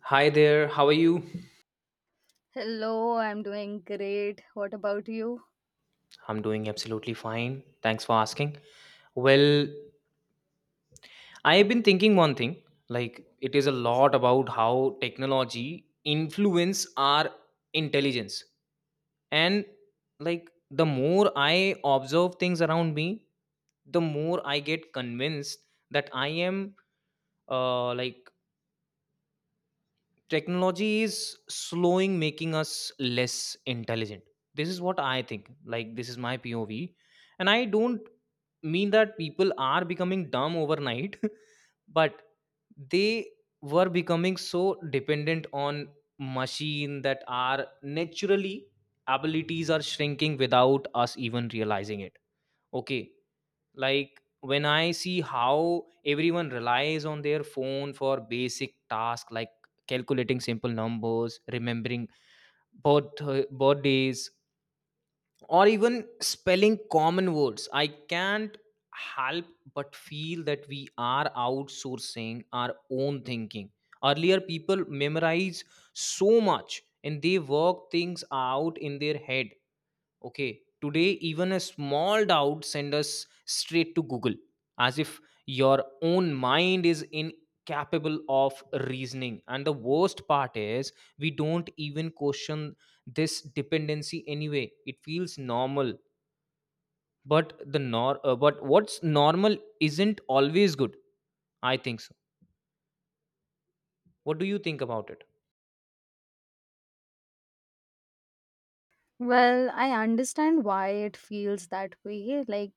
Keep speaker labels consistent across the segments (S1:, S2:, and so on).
S1: Hi there, how are you?
S2: Hello, I'm doing great. What about you?
S1: I'm doing absolutely fine. Thanks for asking. Well, I've been thinking one thing, like it is a lot about how technology influence our intelligence. And like the more I observe things around me, the more I get convinced that I am like technology is slowing making us less intelligent. This is what I think, like this is my POV. And I don't mean that people are becoming dumb overnight but they were becoming so dependent on machine that our naturally abilities are shrinking without us even realizing it. Okay, like when I see how everyone relies on their phone for basic tasks like calculating simple numbers, remembering birth birthdays or even spelling common words, I can't help but feel that we are outsourcing our own thinking. Earlier people memorize so much and they work things out in their head. Okay, today even a small doubt send us straight to Google as if your own mind is incapable of reasoning. And the worst part is we don't even question this dependency anyway. It feels normal, but what's normal isn't always good. I think so. What do you think about it?
S2: Well, I understand why it feels that way,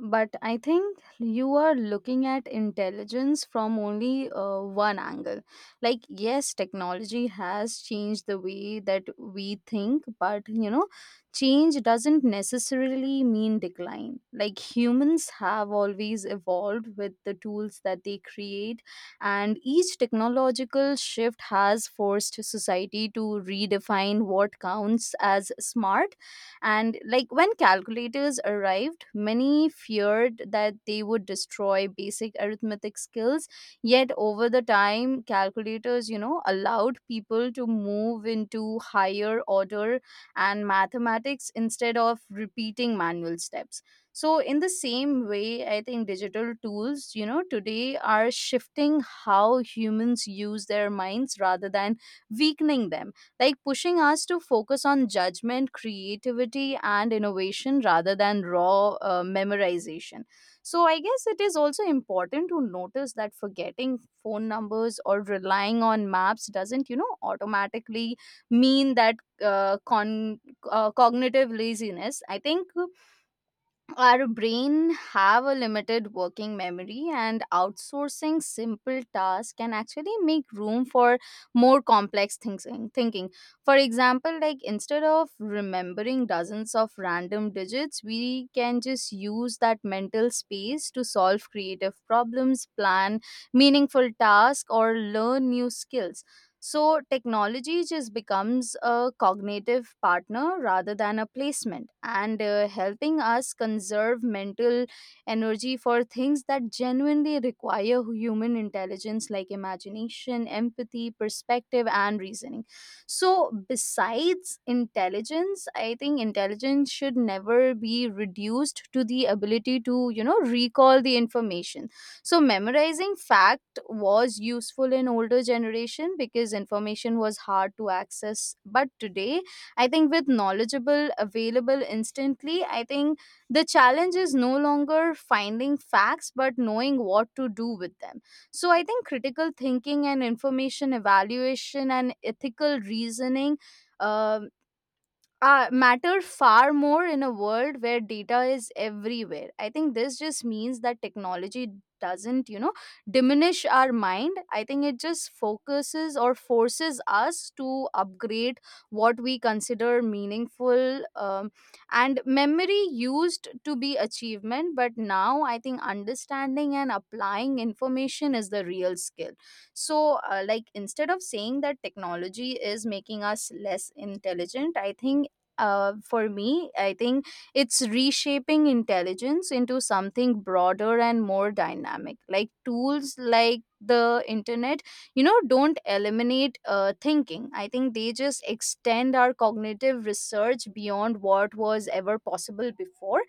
S2: but I think you are looking at intelligence from only one angle. Like, yes, technology has changed the way that we think, but you know, change doesn't necessarily mean decline. Like, humans have always evolved with the tools that they create, and each technological shift has forced society to redefine what counts as smart. And like when calculators arrived, many feared that they would destroy basic arithmetic skills, yet over the time calculators, you know, allowed people to move into higher order and mathematics instead of repeating manual steps. So in the same way, I think digital tools, you know, today are shifting how humans use their minds rather than weakening them, like pushing us to focus on judgment, creativity, and innovation rather than raw memorization. So I guess it is also important to notice that forgetting phone numbers or relying on maps doesn't, you know, automatically mean that uh, con- cognitive laziness. I think our brain have a limited working memory, and outsourcing simple tasks can actually make room for more complex thinking. For example, like instead of remembering dozens of random digits, we can just use that mental space to solve creative problems, plan meaningful tasks, or learn new skills. So technology just becomes a cognitive partner rather than a placement, and helping us conserve mental energy for things that genuinely require human intelligence like imagination, empathy, perspective, and reasoning. So besides intelligence, I think intelligence should never be reduced to the ability to, you know, recall the information. So memorizing fact was useful in older generation because information was hard to access, but today I think with knowledgeable available instantly, I think the challenge is no longer finding facts but knowing what to do with them. So I think critical thinking and information evaluation and ethical reasoning um, matter far more in a world where data is everywhere. I think this just means that technology doesn't, you know, diminish our mind. I think it just focuses or forces us to upgrade what we consider meaningful. And memory used to be achievement, but now I think understanding and applying information is the real skill. So, like, instead of saying that technology is making us less intelligent, I think for me, I think it's reshaping intelligence into something broader and more dynamic. Like tools like the internet, you know, don't eliminate thinking. I think they just extend our cognitive research beyond what was ever possible before.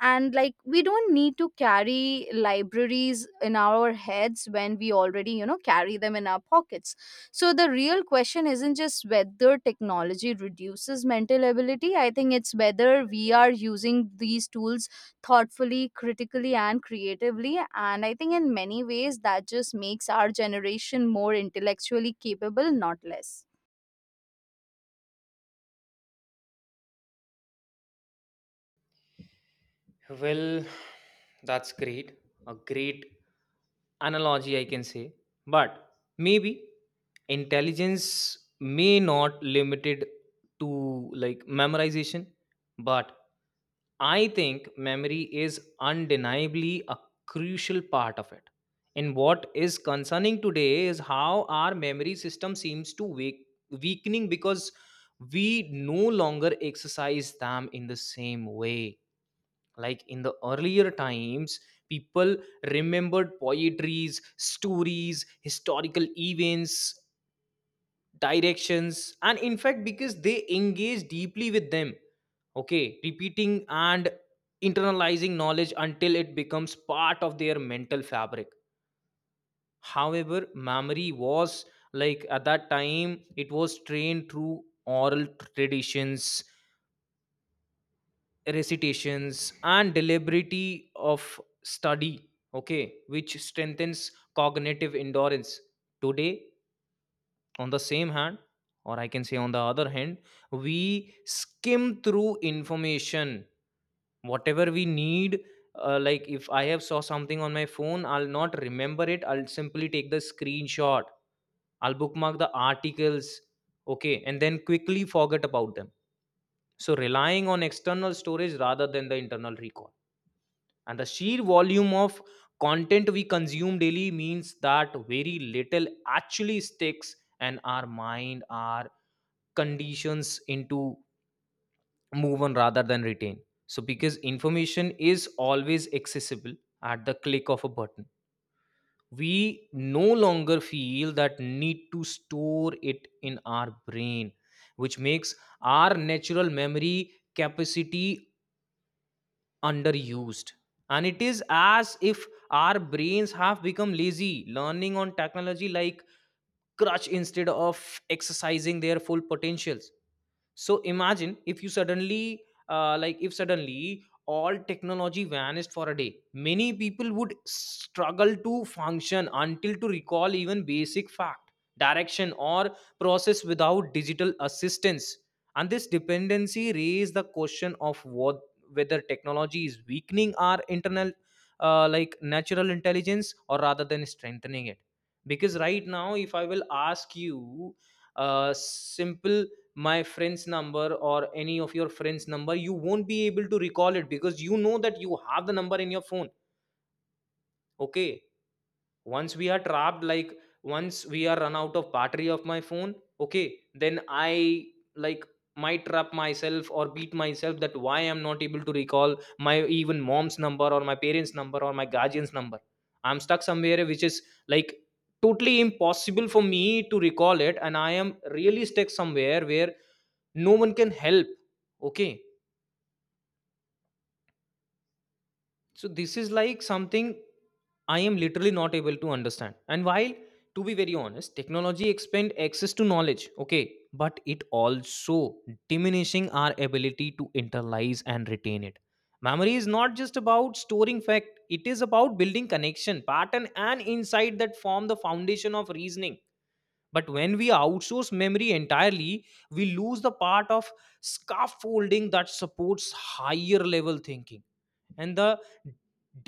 S2: And like, we don't need to carry libraries in our heads when we already, you know, carry them in our pockets. So the real question isn't just whether technology reduces mental ability. I think it's whether we are using these tools thoughtfully, critically, and creatively. And I think in many ways that just makes our generation more intellectually capable, not less.
S1: Well, that's great. A great analogy, I can say. But maybe intelligence may not limited to like memorization, but I think memory is undeniably a crucial part of it. And what is concerning today is how our memory system seems to weakening because we no longer exercise them in the same way, like in the earlier times people remembered poetries, stories, historical events, directions, and in fact because they engaged deeply with them. Okay, repeating and internalizing knowledge until it becomes part of their mental fabric. However, memory was, like at that time it was trained through oral traditions, recitations and deliberity of study. Okay, which strengthens cognitive endurance. Today, on the same hand, or I can say on the other hand, we skim through information whatever we need. Like if I have saw something on my phone I'll not remember it, I'll simply take the screenshot, I'll bookmark the articles. Okay, and then quickly forget about them. So relying on external storage rather than the internal recall, and the sheer volume of content we consume daily means that very little actually sticks, and our mind our conditions into move on rather than retain. So because information is always accessible at the click of a button, we no longer feel that need to store it in our brain, which makes our natural memory capacity underused. And it is as if our brains have become lazy, learning on technology like crutch instead of exercising their full potentials. So imagine if suddenly all technology vanished for a day, many people would struggle to function until to recall even basic fact, direction or process without digital assistance. And this dependency raised the question of what whether technology is weakening our internal like natural intelligence or rather than strengthening it. Because right now if I will ask you a simple my friend's number or any of your friend's number, you won't be able to recall it because you know that you have the number in your phone. Okay, once we are trapped like once we are run out of battery of my phone. Okay, then I like might trap myself or beat myself that why I'm not able to recall my even mom's number or my parents number or my guardian's number. I'm stuck somewhere which is like totally impossible for me to recall it, and I am really stuck somewhere where no one can help. Okay, so this is like something I am literally not able to understand. And while, to be very honest, technology expand access to knowledge. Okay, but it also diminishing our ability to internalize and retain it. Memory is not just about storing fact, it is about building connection pattern and insight that form the foundation of reasoning. But when we outsource memory entirely, we lose the part of scaffolding that supports higher level thinking. And the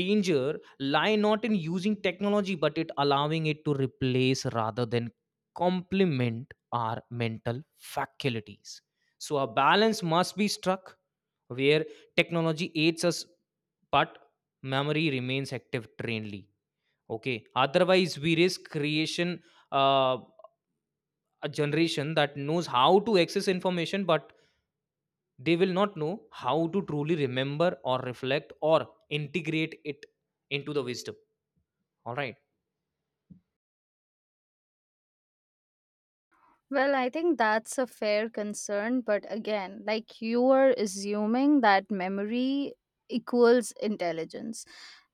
S1: danger lie not in using technology, but it allowing it to replace rather than complement our mental faculties. So a balance must be struck where technology aids us, but memory remains active trainedly. Okay. Otherwise, we risk creation. uh, a generation that knows how to access information but they will not know how to truly remember or reflect or integrate it into the wisdom. All right.
S2: Well, I think that's a fair concern, but again, like you are assuming that memory equals intelligence.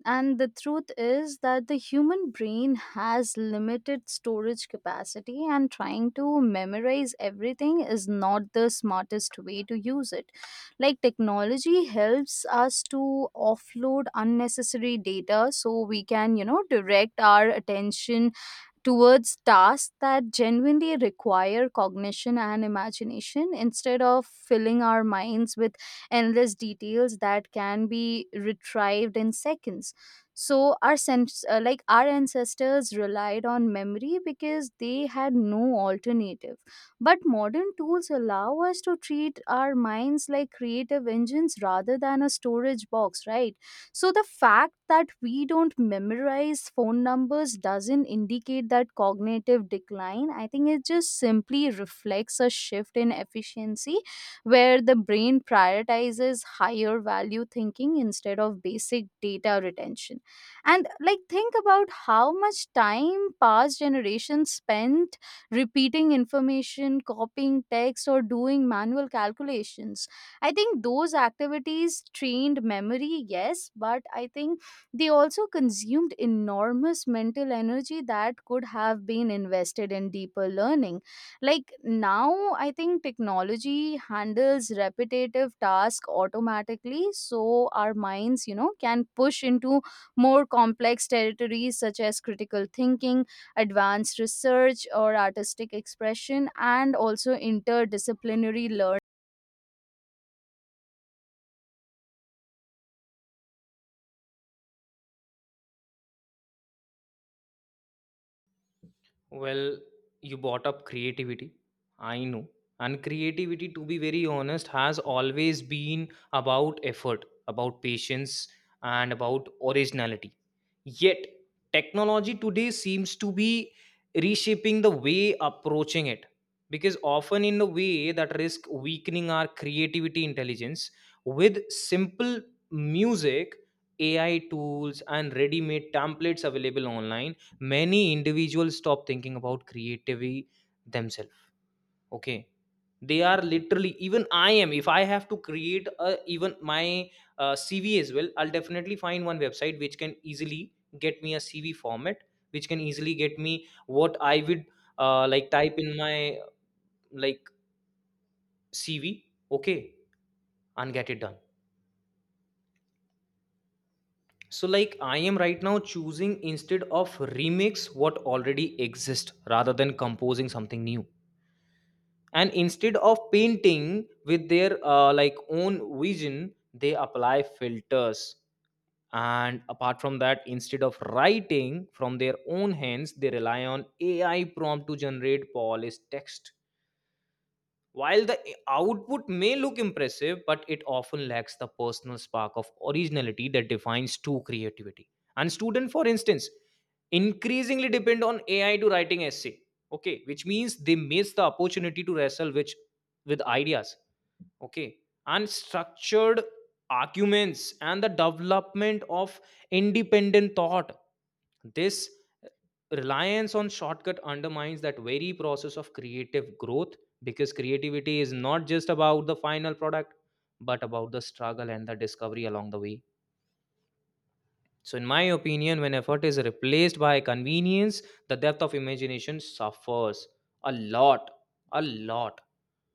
S2: And the truth is that the human brain has limited storage capacity, and trying to memorize everything is not the smartest way to use it. Like, technology helps us to offload unnecessary data so we can, you know, direct our attention towards tasks that genuinely require cognition and imagination instead of filling our minds with endless details that can be retrieved in seconds. So our sense like our ancestors relied on memory because they had no alternative, but modern tools allow us to treat our minds like creative engines rather than a storage box, right? So the fact that we don't memorize phone numbers doesn't indicate that cognitive decline. I think it just simply reflects a shift in efficiency where the brain prioritizes higher value thinking instead of basic data retention. And like think about how much time past generations spent repeating information, copying text, or doing manual calculations. I think those activities trained memory, yes, but I think they also consumed enormous mental energy that could have been invested in deeper learning. Like now, I think technology handles repetitive tasks automatically, so our minds, you know, can push into more complex territories such as critical thinking, advanced research, or artistic expression, and also interdisciplinary learning.
S1: Well, you brought up creativity. I know. And creativity, to be very honest, has always been about effort, about patience, and about originality. Yet, technology today seems to be reshaping the way approaching it, because often in a way that risk weakening our creativity intelligence. With simple music, AI tools and ready made templates available online, many individuals stop thinking about creativity themselves. Okay, they are literally, even I am, if I have to create even my CV as well, I'll definitely find one website which can easily get me a CV format, which can easily get me what I would like type in my like CV. Okay, and get it done. So like I am right now choosing instead of remix what already exists rather than composing something new. And instead of painting with their like own vision, they apply filters. And apart from that, instead of writing from their own hands they rely on AI prompt to generate polished text. While the output may look impressive, but it often lacks the personal spark of originality that defines true creativity. And students, for instance, increasingly depend on AI to writing essay. Okay, which means they miss the opportunity to wrestle which with ideas. Okay, and structured arguments and the development of independent thought. This uh, reliance on shortcut undermines that very process of creative growth, because creativity is not just about the final product but about the struggle and the discovery along the way. So, in my opinion, when effort is replaced by convenience, the depth of imagination suffers a lot, a lot.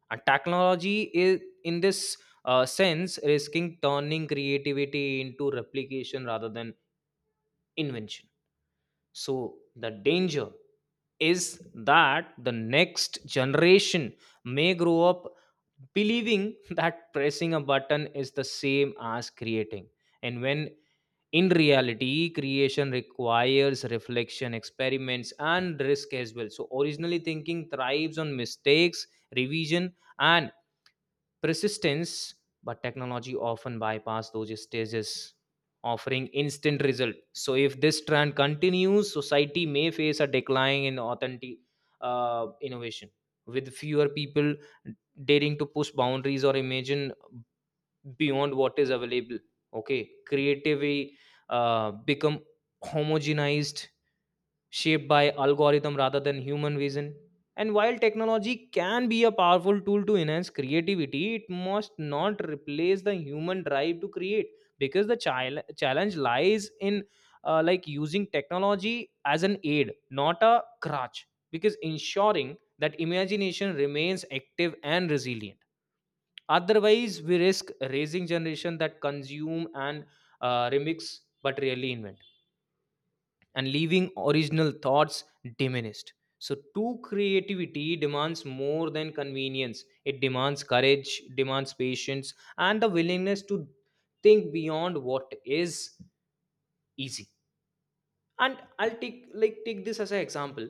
S1: And technology is, in this sense, risking turning creativity into replication rather than invention. So, the danger is that the next generation may grow up believing that pressing a button is the same as creating. And when in reality creation requires reflection, experiments and risk as well, so originally thinking thrives on mistakes, revision and persistence, but technology often bypass those stages, offering instant result. So if this trend continues, society may face a decline in authentic innovation, with fewer people daring to push boundaries or imagine beyond what is available. Okay, creativity become homogenized, shaped by algorithm rather than human vision, and while technology can be a powerful tool to enhance creativity, it must not replace the human drive to create. Because the challenge lies in using technology as an aid not a crutch, because ensuring that imagination remains active and resilient. Otherwise we risk raising generation that consume and remix but really invent, and leaving original thoughts diminished. So, true creativity demands more than convenience. It demands courage, demands patience, and the willingness to think beyond what is easy. And I'll take this as an example.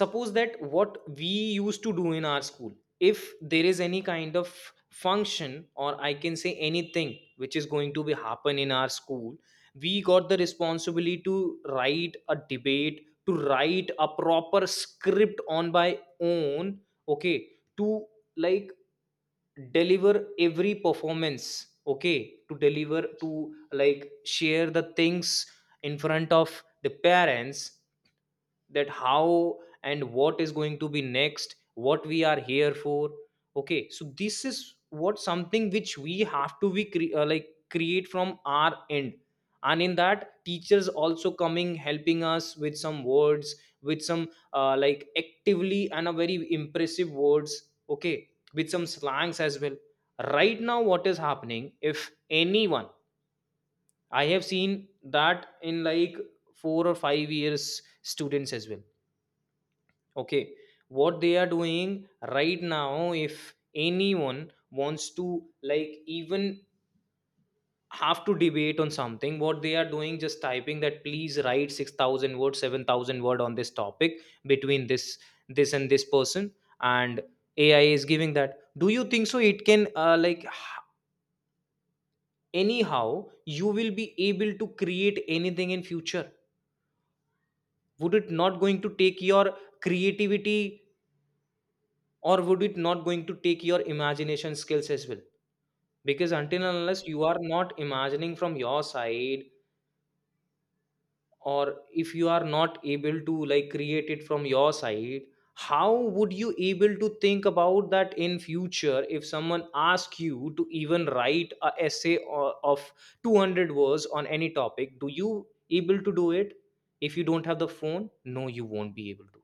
S1: Suppose that what we used to do in our school, if there is any kind of function, or I can say anything which is going to be happen in our school, we got the responsibility to write a debate, to write a proper script on by own. Okay, to like deliver every performance. Okay, to deliver to like share the things in front of the parents, that how and what is going to be next, what we are here for. Okay, so this is what something which we have to be create from our end. And in that teachers also coming, helping us with some words, with some like actively and a very impressive words. Okay, with some slangs as well. Right now what is happening, if anyone, I have seen that in like 4 or 5 years students as well. Okay, what they are doing right now, if anyone wants to like even have to debate on something, what they are doing just typing that please write 6,000 word, 7,000 word on this topic between this and this person, and AI is giving that. Do you think so? It can like anyhow you will be able to create anything in future. Would it not going to take your creativity, or would it not going to take your imagination skills as well? Because until and unless you are not imagining from your side, or if you are not able to like create it from your side, how would you able to think about that in future? If someone asks you to even write a essay of 200 words on any topic, do you able to do it? If you don't have the phone, no, you won't be able to.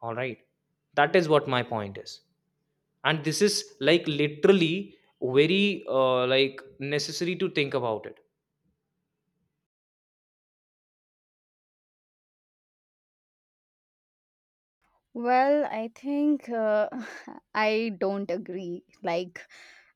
S1: All right, that is what my point is. And this is like literally very like necessary to think about it.
S2: Well, I think I don't agree. Like,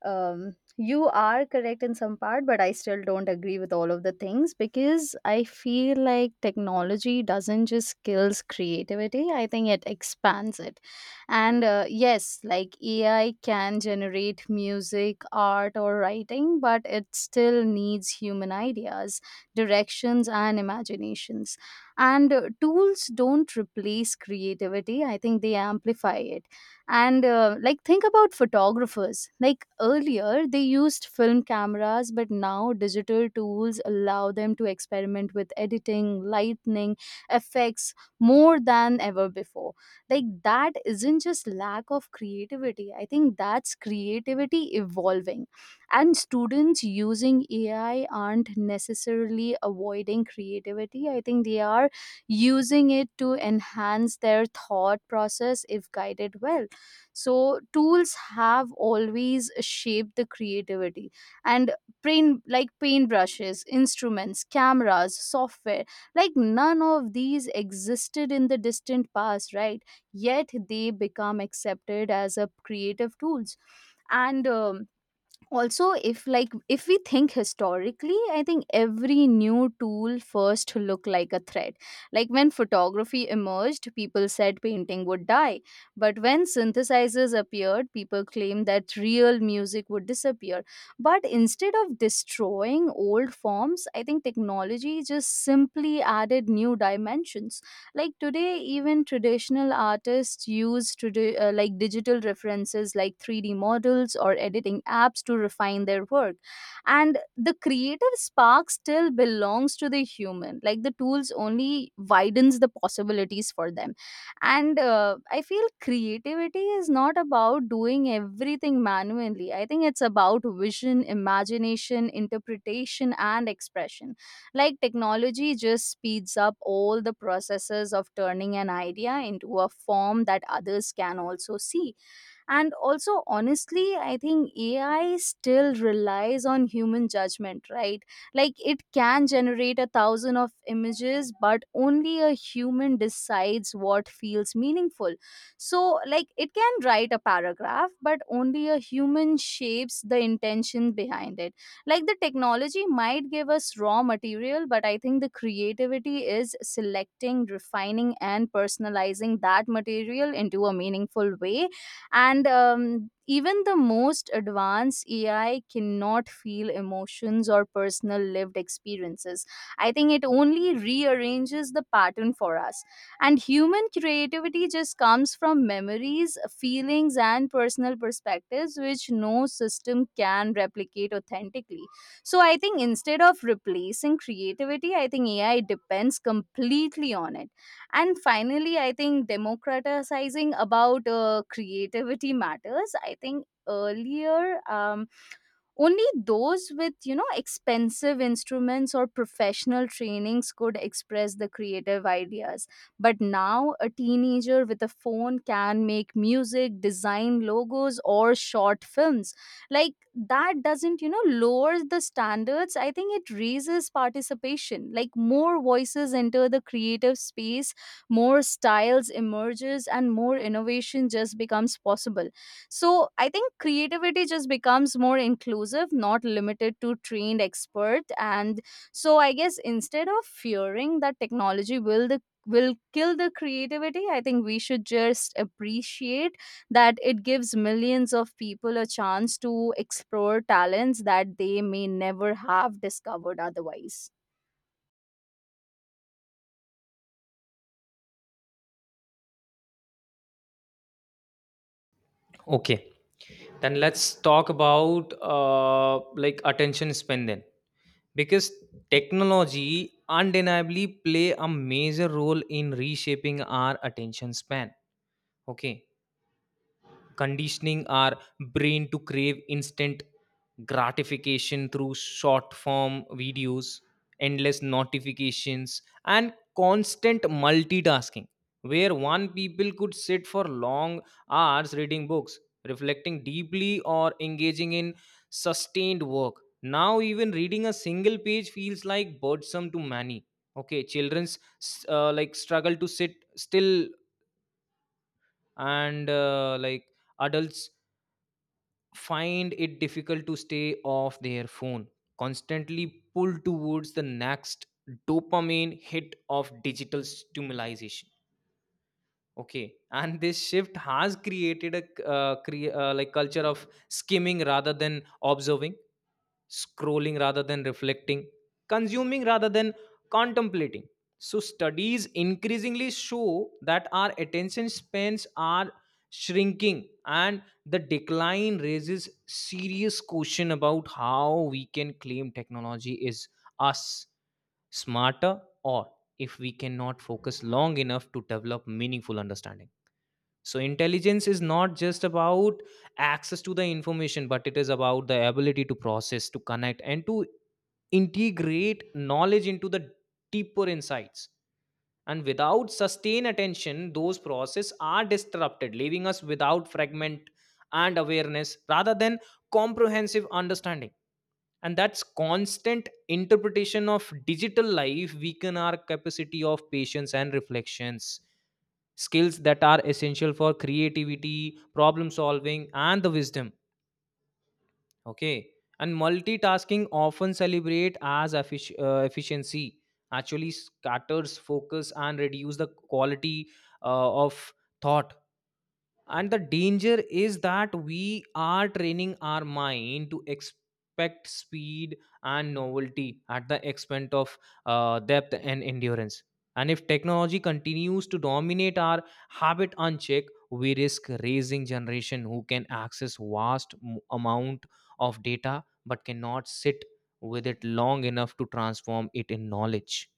S2: you are correct in some part, but I still don't agree with all of the things because I feel like technology doesn't just kills creativity. I think it expands it. And yes, like AI can generate music, art, or writing, but it still needs human ideas, directions, and imaginations. And tools don't replace creativity. I think they amplify it. And like think about photographers, like earlier they used film cameras, but now digital tools allow them to experiment with editing lightning effects more than ever before. Like that isn't just lack of creativity. I think that's creativity evolving. And students using AI aren't necessarily avoiding creativity. I think they are using it to enhance their thought process if guided well. So tools have always shaped the creativity, and paint like paintbrushes, instruments, cameras, software, like none of these existed in the distant past, right? Yet they become accepted as a creative tools. And also if like if we think historically, I think every new tool first looked like a threat. Like when photography emerged, people said painting would die, but when synthesizers appeared, people claimed that real music would disappear. But instead of destroying old forms, I think technology just simply added new dimensions. Like today, even traditional artists use today like digital references like 3D models or editing apps to refine their work. And the creative spark still belongs to the human. Like the tools only widens the possibilities for them. And I feel creativity is not about doing everything manually. I think it's about vision, imagination, interpretation, and expression. Like technology just speeds up all the processes of turning an idea into a form that others can also see. And also, honestly, I think AI still relies on human judgment, right? Like it can generate a thousand of images, but only a human decides what feels meaningful. So like it can write a paragraph, but only a human shapes the intention behind it. Like the technology might give us raw material, but I think the creativity is selecting, refining, and personalizing that material into a meaningful way. And even the most advanced AI cannot feel emotions or personal lived experiences. I think it only rearranges the pattern for us. And human creativity just comes from memories, feelings, and personal perspectives, which no system can replicate authentically. So I think instead of replacing creativity, I think AI depends completely on it. And finally, I think democratizing about creativity matters. I think earlier, only those with, you know, expensive instruments or professional trainings could express the creative ideas. But now a teenager with a phone can make music, design logos, or short films. Like that doesn't, you know, lower the standards. I think it raises participation. Like more voices enter the creative space, more styles emerges, and more innovation just becomes possible. So I think creativity just becomes more inclusive, not limited to trained expert. And so I guess instead of fearing that technology will kill the creativity, I think we should just appreciate that it gives millions of people a chance to explore talents that they may never have discovered otherwise.
S1: Okay, then let's talk about like attention span then. Because technology undeniably play a major role in reshaping our attention span. Okay, conditioning our brain to crave instant gratification through short form videos, endless notifications, and constant multitasking, where one people could sit for long hours reading books, reflecting deeply, or engaging in sustained work. Now, even reading a single page feels like burdensome to many. Okay, children's like struggle to sit still, and like adults find it difficult to stay off their phone, constantly pulled towards the next dopamine hit of digital stimulation. Okay, and this shift has created a like culture of skimming rather than observing, scrolling rather than reflecting, consuming rather than contemplating. So studies increasingly show that our attention spans are shrinking, and the decline raises serious question about how we can claim technology is us smarter, or if we cannot focus long enough to develop meaningful understanding. So intelligence is not just about access to the information, but it is about the ability to process, to connect, and to integrate knowledge into the deeper insights. And without sustained attention, those processes are disrupted, leaving us without fragment and awareness rather than comprehensive understanding. And that's constant interpretation of digital life weaken our capacity of patience and reflections, skills that are essential for creativity, problem solving, and the wisdom. Okay, and multitasking, often celebrate as efficiency, actually scatters focus and reduce the quality of thought. And the danger is that we are training our mind to expect speed and novelty at the expense of depth and endurance. And if technology continues to dominate our habit unchecked, we risk raising generation who can access vast amount of data but cannot sit with it long enough to transform it in knowledge.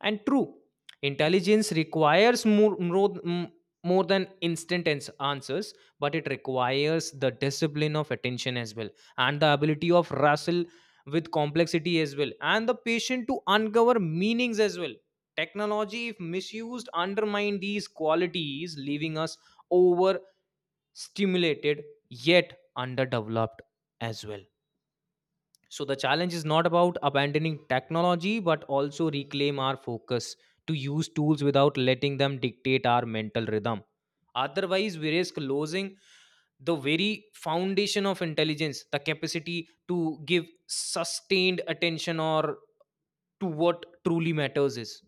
S1: And true intelligence requires more than instant answers, but it requires the discipline of attention as well, and the ability of wrestle with complexity as well, and the patient to uncover meanings as well. Technology, if misused, undermine these qualities, leaving us overstimulated yet underdeveloped as well. So the challenge is not about abandoning technology, but also reclaim our focus, to use tools without letting them dictate our mental rhythm. Otherwise, we risk losing the very foundation of intelligence, the capacity to give sustained attention or to what truly matters is.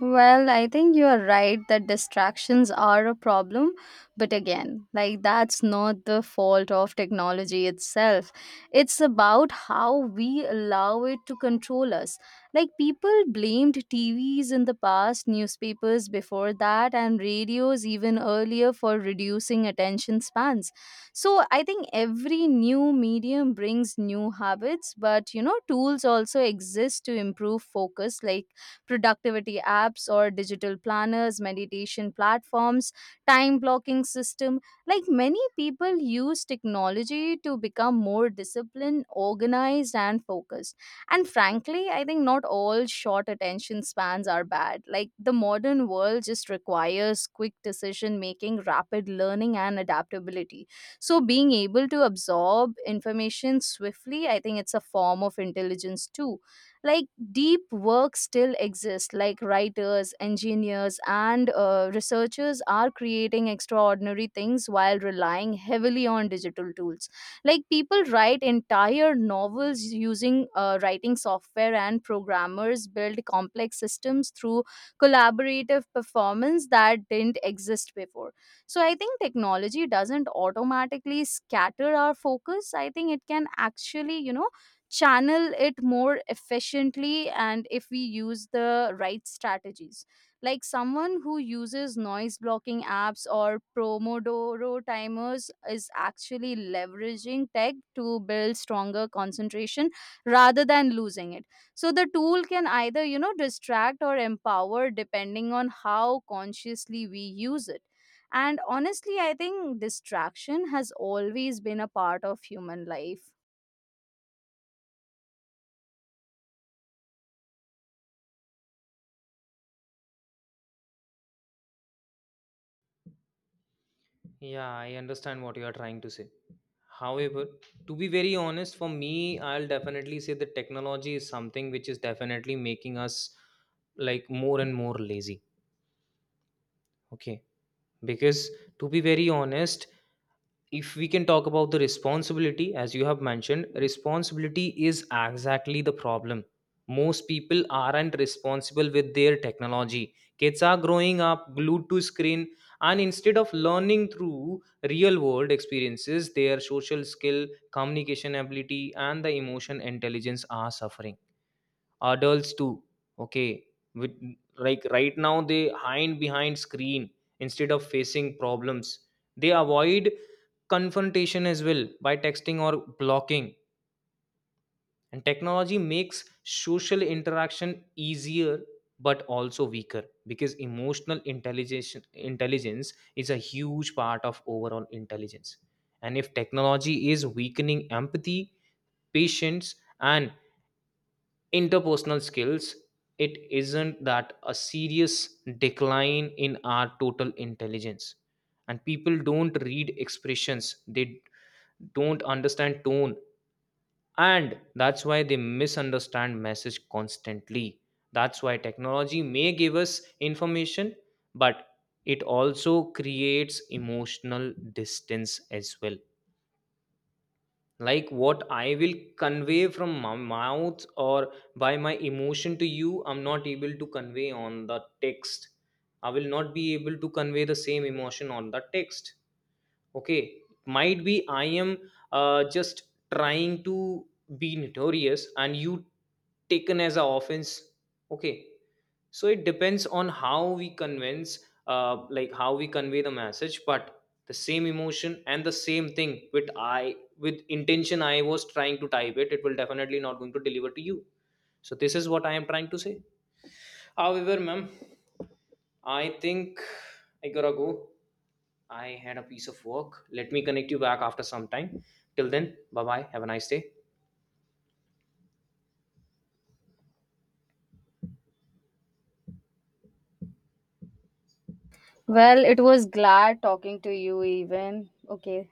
S2: Well, I think you are right that distractions are a problem, but again, like that's not the fault of technology itself. It's about how we allow it to control us. Like people blamed TVs in the past, newspapers before that, and radios even earlier for reducing attention spans. So I think every new medium brings new habits, but you know, tools also exist to improve focus, like productivity apps or digital planners, meditation platforms, time blocking system. Like many people use technology to become more disciplined, organized, and focused. And frankly, I think not all short attention spans are bad. Like the modern world just requires quick decision making, rapid learning, and adaptability. So being able to absorb information swiftly, I think it's a form of intelligence too, like deep work still exists, like writers, engineers, and researchers are creating extraordinary things while relying heavily on digital tools. Like people write entire novels using writing software, and programmers build complex systems through collaborative performance that didn't exist before. So I think technology doesn't automatically scatter our focus. I think it can actually, you know, channel it more efficiently and if we use the right strategies. Like someone who uses noise blocking apps or pomodoro timers is actually leveraging tech to build stronger concentration rather than losing it. So the tool can either, you know, distract or empower depending on how consciously we use it. And honestly, I think distraction has always been a part of human life.
S1: Yeah, I understand what you are trying to say. However, to be very honest, for me, I'll definitely say that technology is something which is definitely making us like more and more lazy. Okay. Because to be very honest, if we can talk about the responsibility, as you have mentioned, responsibility is exactly the problem. Most people aren't responsible with their technology. Kids are growing up glued to screen, and instead of learning through real world experiences, their social skill, communication ability, and the emotion intelligence are suffering. Adults too, okay, with like right now they hide behind screen instead of facing problems. They avoid confrontation as well by texting or blocking. And technology makes social interaction easier but also weaker, because emotional intelligence is a huge part of overall intelligence. And if technology is weakening empathy, patience, and interpersonal skills, it isn't that a serious decline in our total intelligence? And people don't read expressions, they don't understand tone, and that's why they misunderstand message constantly. That's why technology may give us information, but it also creates emotional distance as well. Like what I will convey from my mouth or by my emotion to you, I'm not able to convey on the text. I will not be able to convey the same emotion on the text. Okay, might be I am just trying to be notorious and you taken as a offense. Okay, so it depends on how we convince, like how we convey the message, but the same emotion and the same thing with I with intention I was trying to type it, it will definitely not going to deliver to you. So this is what I am trying to say. However, ma'am, I think I gotta go. I had a piece of work. Let me connect you back after some time. Till then, bye bye. Have a nice day.
S2: Well, it was glad talking to you even. Okay,